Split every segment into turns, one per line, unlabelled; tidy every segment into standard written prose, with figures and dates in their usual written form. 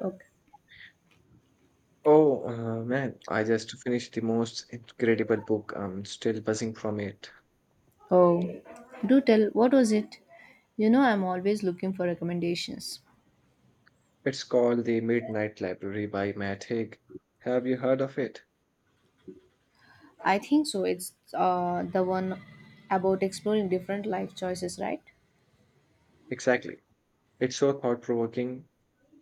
Okay.
Oh, man, I just finished the most incredible book. I'm still buzzing from it.
Oh, do tell, what was it? You know, I'm always looking for recommendations.
It's called The Midnight Library by Matt Haig. Have you heard of it?
I think so. It's the one about exploring different life choices, right?
Exactly. It's so thought-provoking.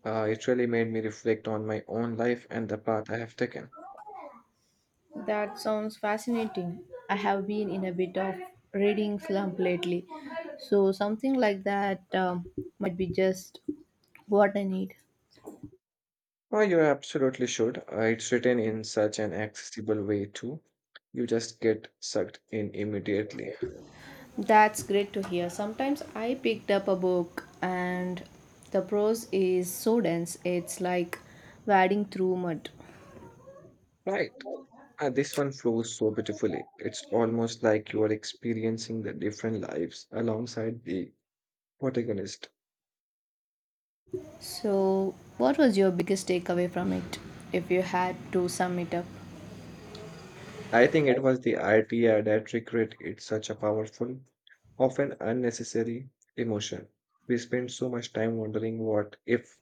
It really made me reflect on my own life and the path I have taken.
That sounds fascinating. I have been in a bit of reading slump lately, so something like that might be just what I need.
Oh, you absolutely should. It's written in such an accessible way, too. You just get sucked in immediately.
That's great to hear. Sometimes I picked up a book and the prose is so dense, it's like wading through mud.
Right. And this one flows so beautifully. It's almost like you are experiencing the different lives alongside the protagonist.
So, what was your biggest takeaway from it, if you had to sum it up?
I think it was the idea that regret is such a powerful, often unnecessary emotion. We spend so much time wondering what if.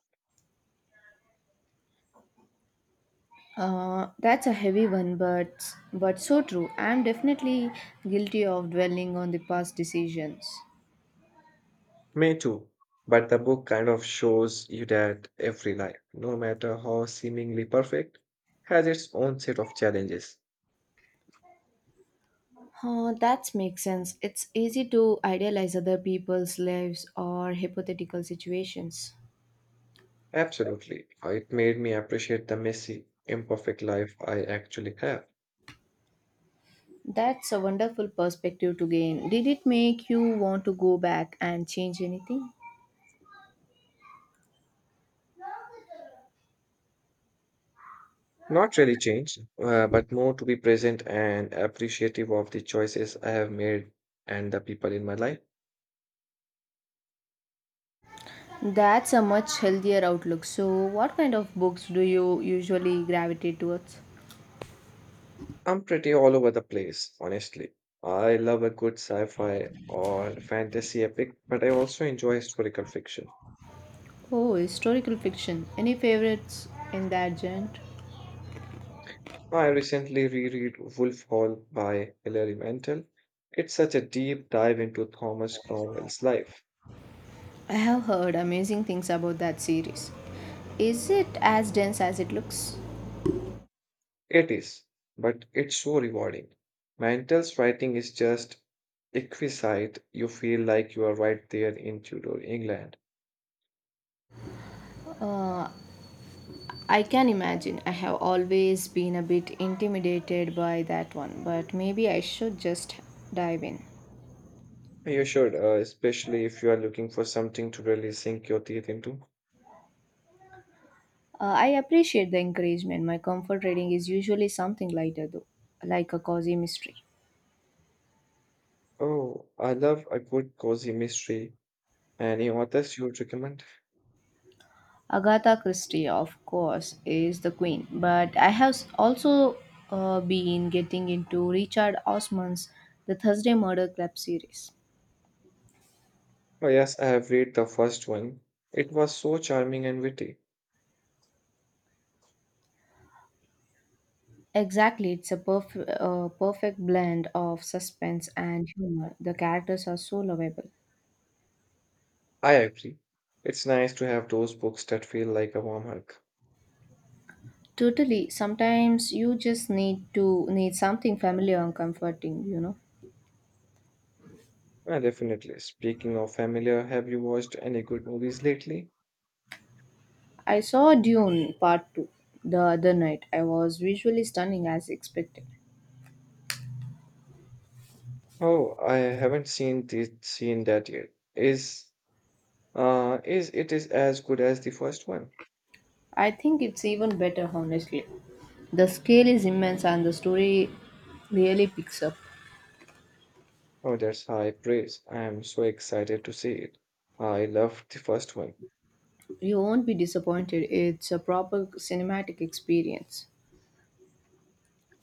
That's a heavy one, but so true. I'm definitely guilty of dwelling on the past decisions.
Me too. But the book kind of shows you that every life, no matter how seemingly perfect, has its own set of challenges.
That makes sense. It's easy to idealize other people's lives or hypothetical situations.
Absolutely. It made me appreciate the messy, imperfect life I actually have.
That's a wonderful perspective to gain. Did it make you want to go back and change anything?
Not really changed, but more to be present and appreciative of the choices I have made and the people in my life.
That's a much healthier outlook. So, what kind of books do you usually gravitate towards?
I'm pretty all over the place, honestly. I love a good sci fi or fantasy epic, but I also enjoy historical fiction.
Oh, historical fiction. Any favorites in that genre?
I recently reread Wolf Hall by Hilary Mantel. It's such a deep dive into Thomas Cromwell's life.
I have heard amazing things about that series. Is it as dense as it looks?
It is, but it's so rewarding. Mantle's writing is just exquisite. You feel like you are right there in Tudor England.
Uh, I can imagine. I have always been a bit intimidated by that one, but maybe I should just dive in.
You should, especially if you are looking for something to really sink your teeth into.
I appreciate the encouragement. My comfort reading is usually something lighter, though, like a cozy mystery.
Oh, I love a good cozy mystery. Any authors you would recommend?
Agatha Christie, of course, is the queen, but I have also been getting into Richard Osman's The Thursday Murder Club series.
Oh, yes, I have read the first one. It was so charming and witty.
Exactly, it's a perfect blend of suspense and humor. The characters are so lovable.
I agree. It's nice to have those books that feel like a warm hug.
Totally. Sometimes you just need to need something familiar and comforting, you know.
Definitely. Speaking of familiar, have you watched any good movies lately?
I saw Dune Part 2 the other night. I was visually stunning as expected.
Oh, I haven't seen that yet. Is is it is as good as the first one?
I think it's even better, honestly. The scale is immense and the story really picks up.
Oh, that's high praise. I am so excited to see it. I loved the first one.
You won't be disappointed. It's a proper cinematic experience.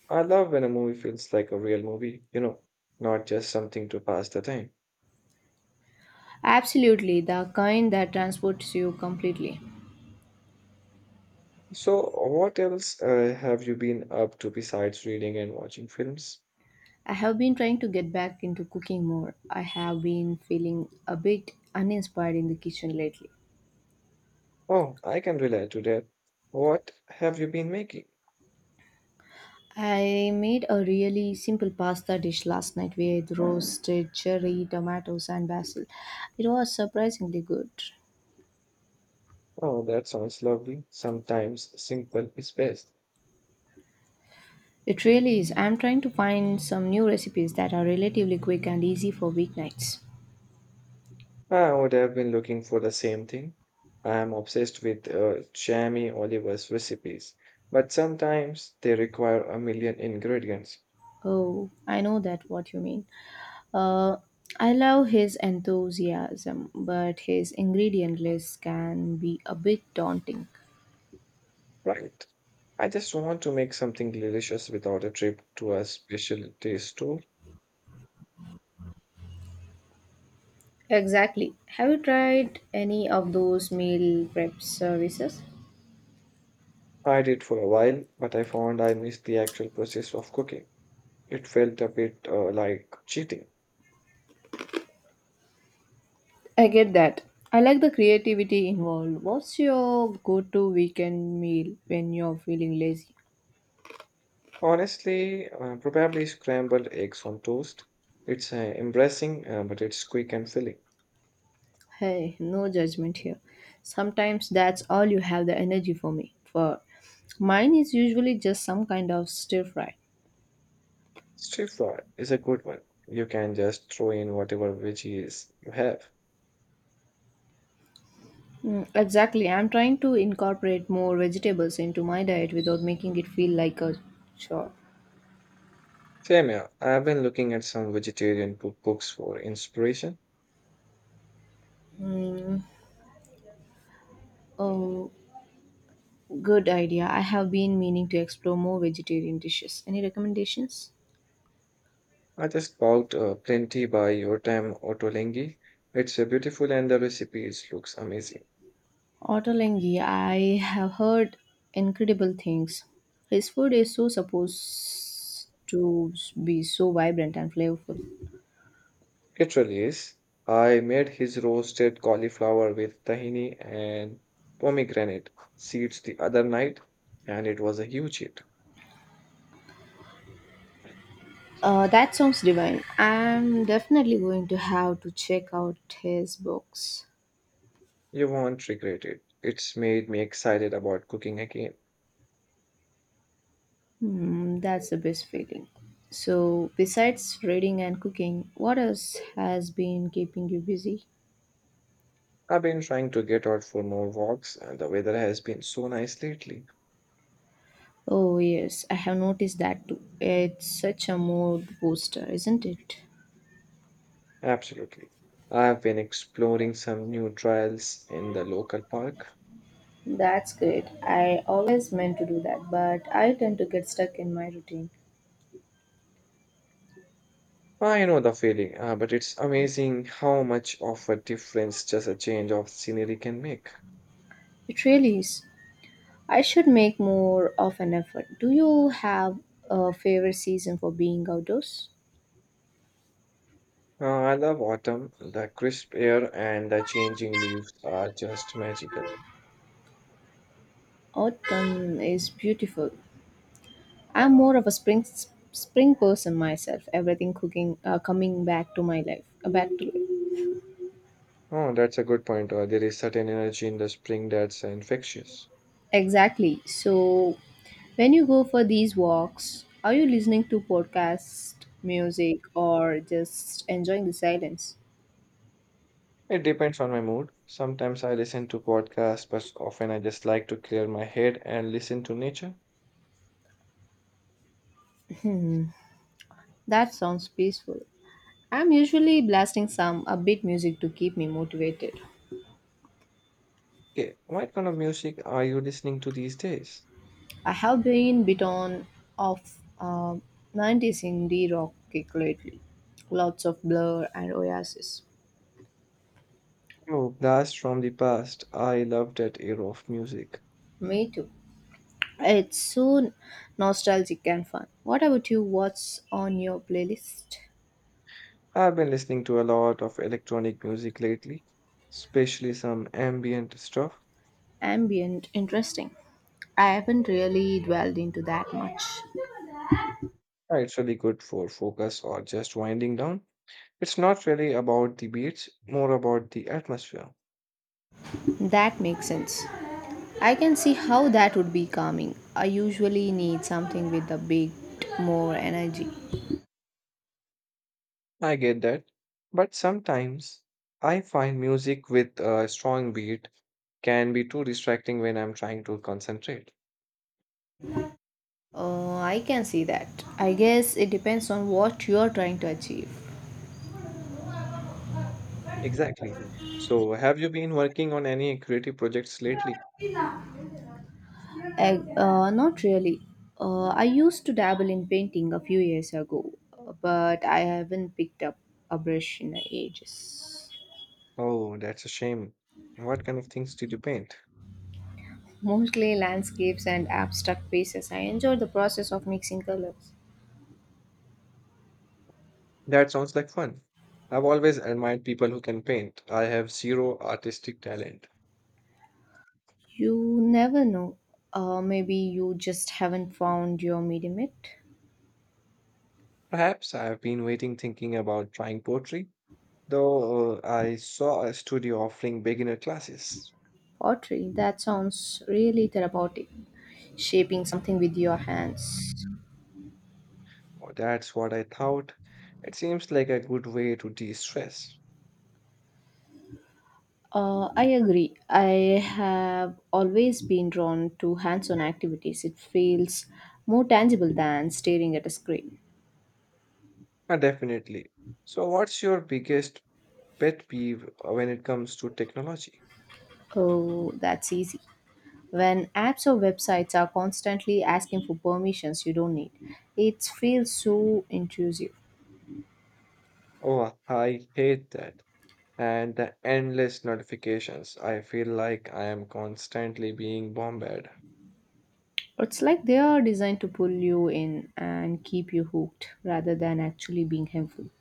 I love when a movie feels like a real movie, you know, not just something to pass the time.
Absolutely, the kind that transports you completely.
So, what else have you been up to besides reading and watching films?
I have been trying to get back into cooking more. I have been feeling a bit uninspired in the kitchen lately.
Oh, I can relate to that. What have you been making?
I made a really simple pasta dish last night with roasted cherry tomatoes and basil. It was surprisingly good.
Oh, that sounds lovely. Sometimes simple is best.
It really is. I'm trying to find some new recipes that are relatively quick and easy for weeknights.
I would have been looking for the same thing. I am obsessed with Jamie Oliver's recipes, but sometimes they require a million ingredients,
Oh, I know that what you mean. Uh, I love his enthusiasm, but his ingredient list can be a bit daunting.
right? I just want to make something delicious without a trip to a specialty store.
Exactly. Have you tried any of those meal prep services?
I did for a while, but I found I missed the actual process of cooking. It felt a bit like cheating.
I get that. I like the creativity involved. What's your go to weekend meal when you're feeling lazy?
Honestly, probably scrambled eggs on toast. It's embarrassing, but it's quick and filling.
Hey, no judgment here. Sometimes that's all you have the energy for me. For mine is usually just some kind of stir fry.
Stir fry is a good one. You can just throw in whatever veggies you have.
Mm, exactly. I'm trying to incorporate more vegetables into my diet without making it feel like a chore.
Same here. I've been looking at some vegetarian cookbooks for inspiration.
Oh, good idea. I have been meaning to explore more vegetarian dishes. Any recommendations?
I just bought plenty by Yotam Ottolenghi. It's beautiful and the recipes looks amazing.
Ottolenghi, I have heard incredible things. His food is so supposed to be so vibrant and flavorful.
Literally, I made his roasted cauliflower with tahini and pomegranate seeds the other night, and it was a huge hit.
That sounds divine. I'm definitely going to have to check out his books.
You won't regret it. It's made me excited about cooking again.
Hmm, that's the best feeling. So, besides reading and cooking, what else has been keeping you busy?
I've been trying to get out for more walks, and the weather has been so nice lately.
Oh, yes, I have noticed that too. It's such a mood booster, isn't it?
Absolutely. I've been exploring some new trails in the local park.
That's great. I always meant to do that, but I tend to get stuck in my routine.
I know the feeling, but it's amazing how much of a difference just a change of scenery can make.
It really is. I should make more of an effort. Do you have a favorite season for being outdoors?
I love autumn. The crisp air and the changing leaves are just magical.
Autumn is beautiful. I'm more of a spring person myself. Everything cooking coming back to my life, back to it.
Oh, that's a good point. There is certain energy in the spring that's infectious.
Exactly. So, when you go for these walks, are you listening to podcast music or just enjoying the silence?
It depends on my mood. Sometimes I listen to podcasts, but often I just like to clear my head and listen to nature.
That sounds peaceful. I'm usually blasting some upbeat music to keep me motivated.
Okay, what kind of music are you listening to these days?
I have been bit on of uh, 90s indie rock kick lately. Lots of Blur and Oasis.
Oh, blast from the past. I love that era of music.
Me too. It's so nostalgic and fun. What about you? What's on your playlist?
I've been listening to a lot of electronic music lately, especially some ambient stuff.
Ambient, interesting. I haven't really dwelled into that much.
Yeah, it's really good for focus or just winding down. It's not really about the beats, more about the atmosphere.
That makes sense. I can see how that would be calming. I usually need something with a bit more energy.
I get that. But sometimes I find music with a strong beat can be too distracting when I'm trying to concentrate.
I can see that. I guess it depends on what you're trying to achieve.
Exactly. So, have you been working on any creative projects lately?
Not really. I used to dabble in painting a few years ago, but I haven't picked up a brush in ages.
Oh, that's a shame. What kind of things did you paint?
Mostly landscapes and abstract pieces. I enjoy the process of mixing colors.
That sounds like fun. I've always admired people who can paint. I have zero artistic talent.
You never know. Maybe you just haven't found your medium yet.
Perhaps I've been waiting thinking about trying poetry, though I saw a studio offering beginner classes.
Pottery, that sounds really therapeutic. Shaping something with your hands.
Oh, that's what I thought. It seems like a good way to de-stress.
I agree. I have always been drawn to hands on activities. It feels more tangible than staring at a screen.
Definitely. So what's your biggest pet peeve when it comes to technology?
Oh, that's easy. When apps or websites are constantly asking for permissions you don't need, it feels so intrusive.
Oh, I hate that. And the endless notifications. I feel like I am constantly being bombarded.
It's like they are designed to pull you in and keep you hooked rather than actually being helpful.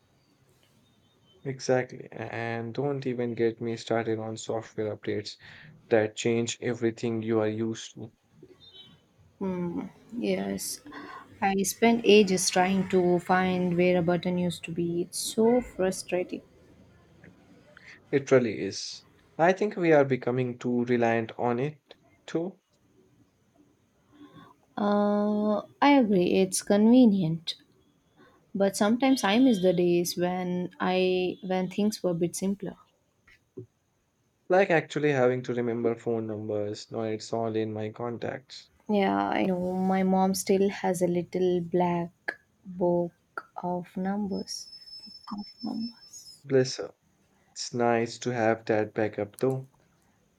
Exactly. And don't even get me started on software updates that change everything you are used to.
Hmm. Yes, I spent ages trying to find where a button used to be. It's so frustrating.
It really is. I think we are becoming too reliant on it too.
I agree. It's convenient, but sometimes I miss the days when things were a bit simpler.
Like actually having to remember phone numbers now; it's all in my contacts.
Yeah, I know. My mom still has a little black book of numbers. Of numbers.
Bless her. It's nice to have that backup though.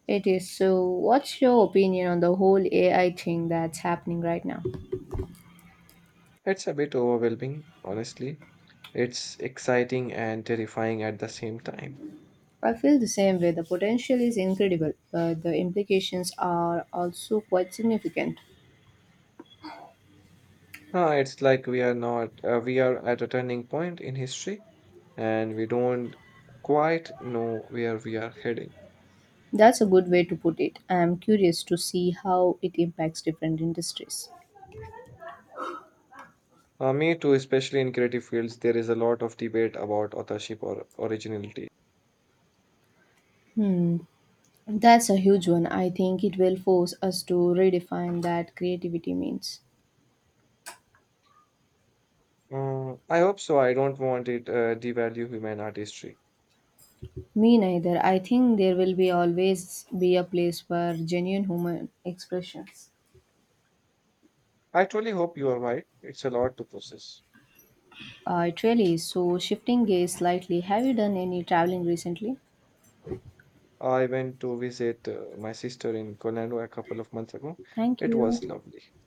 It is. So, what's your opinion on the whole AI thing that's happening right now?
It's a bit overwhelming, honestly. It's exciting and terrifying at the same time.
I feel the same way. The potential is incredible, but the implications are also quite significant.
Huh, it's like we are not, we are at a turning point in history and we don't quite know where we are heading.
That's a good way to put it. I am curious to see how it impacts different industries.
Me too, especially in creative fields, there is a lot of debate about authorship or originality.
That's a huge one. I think it will force us to redefine that creativity means.
I hope so. I don't want it devalue human artistry.
Me neither. I think there will be always be a place for genuine human expressions.
I truly hope you are right. It's a lot to process.
It really is. So shifting gears slightly, have you done any traveling recently?
I went to visit my sister in Colorado a couple of months ago.
Thank
It was
you.
lovely.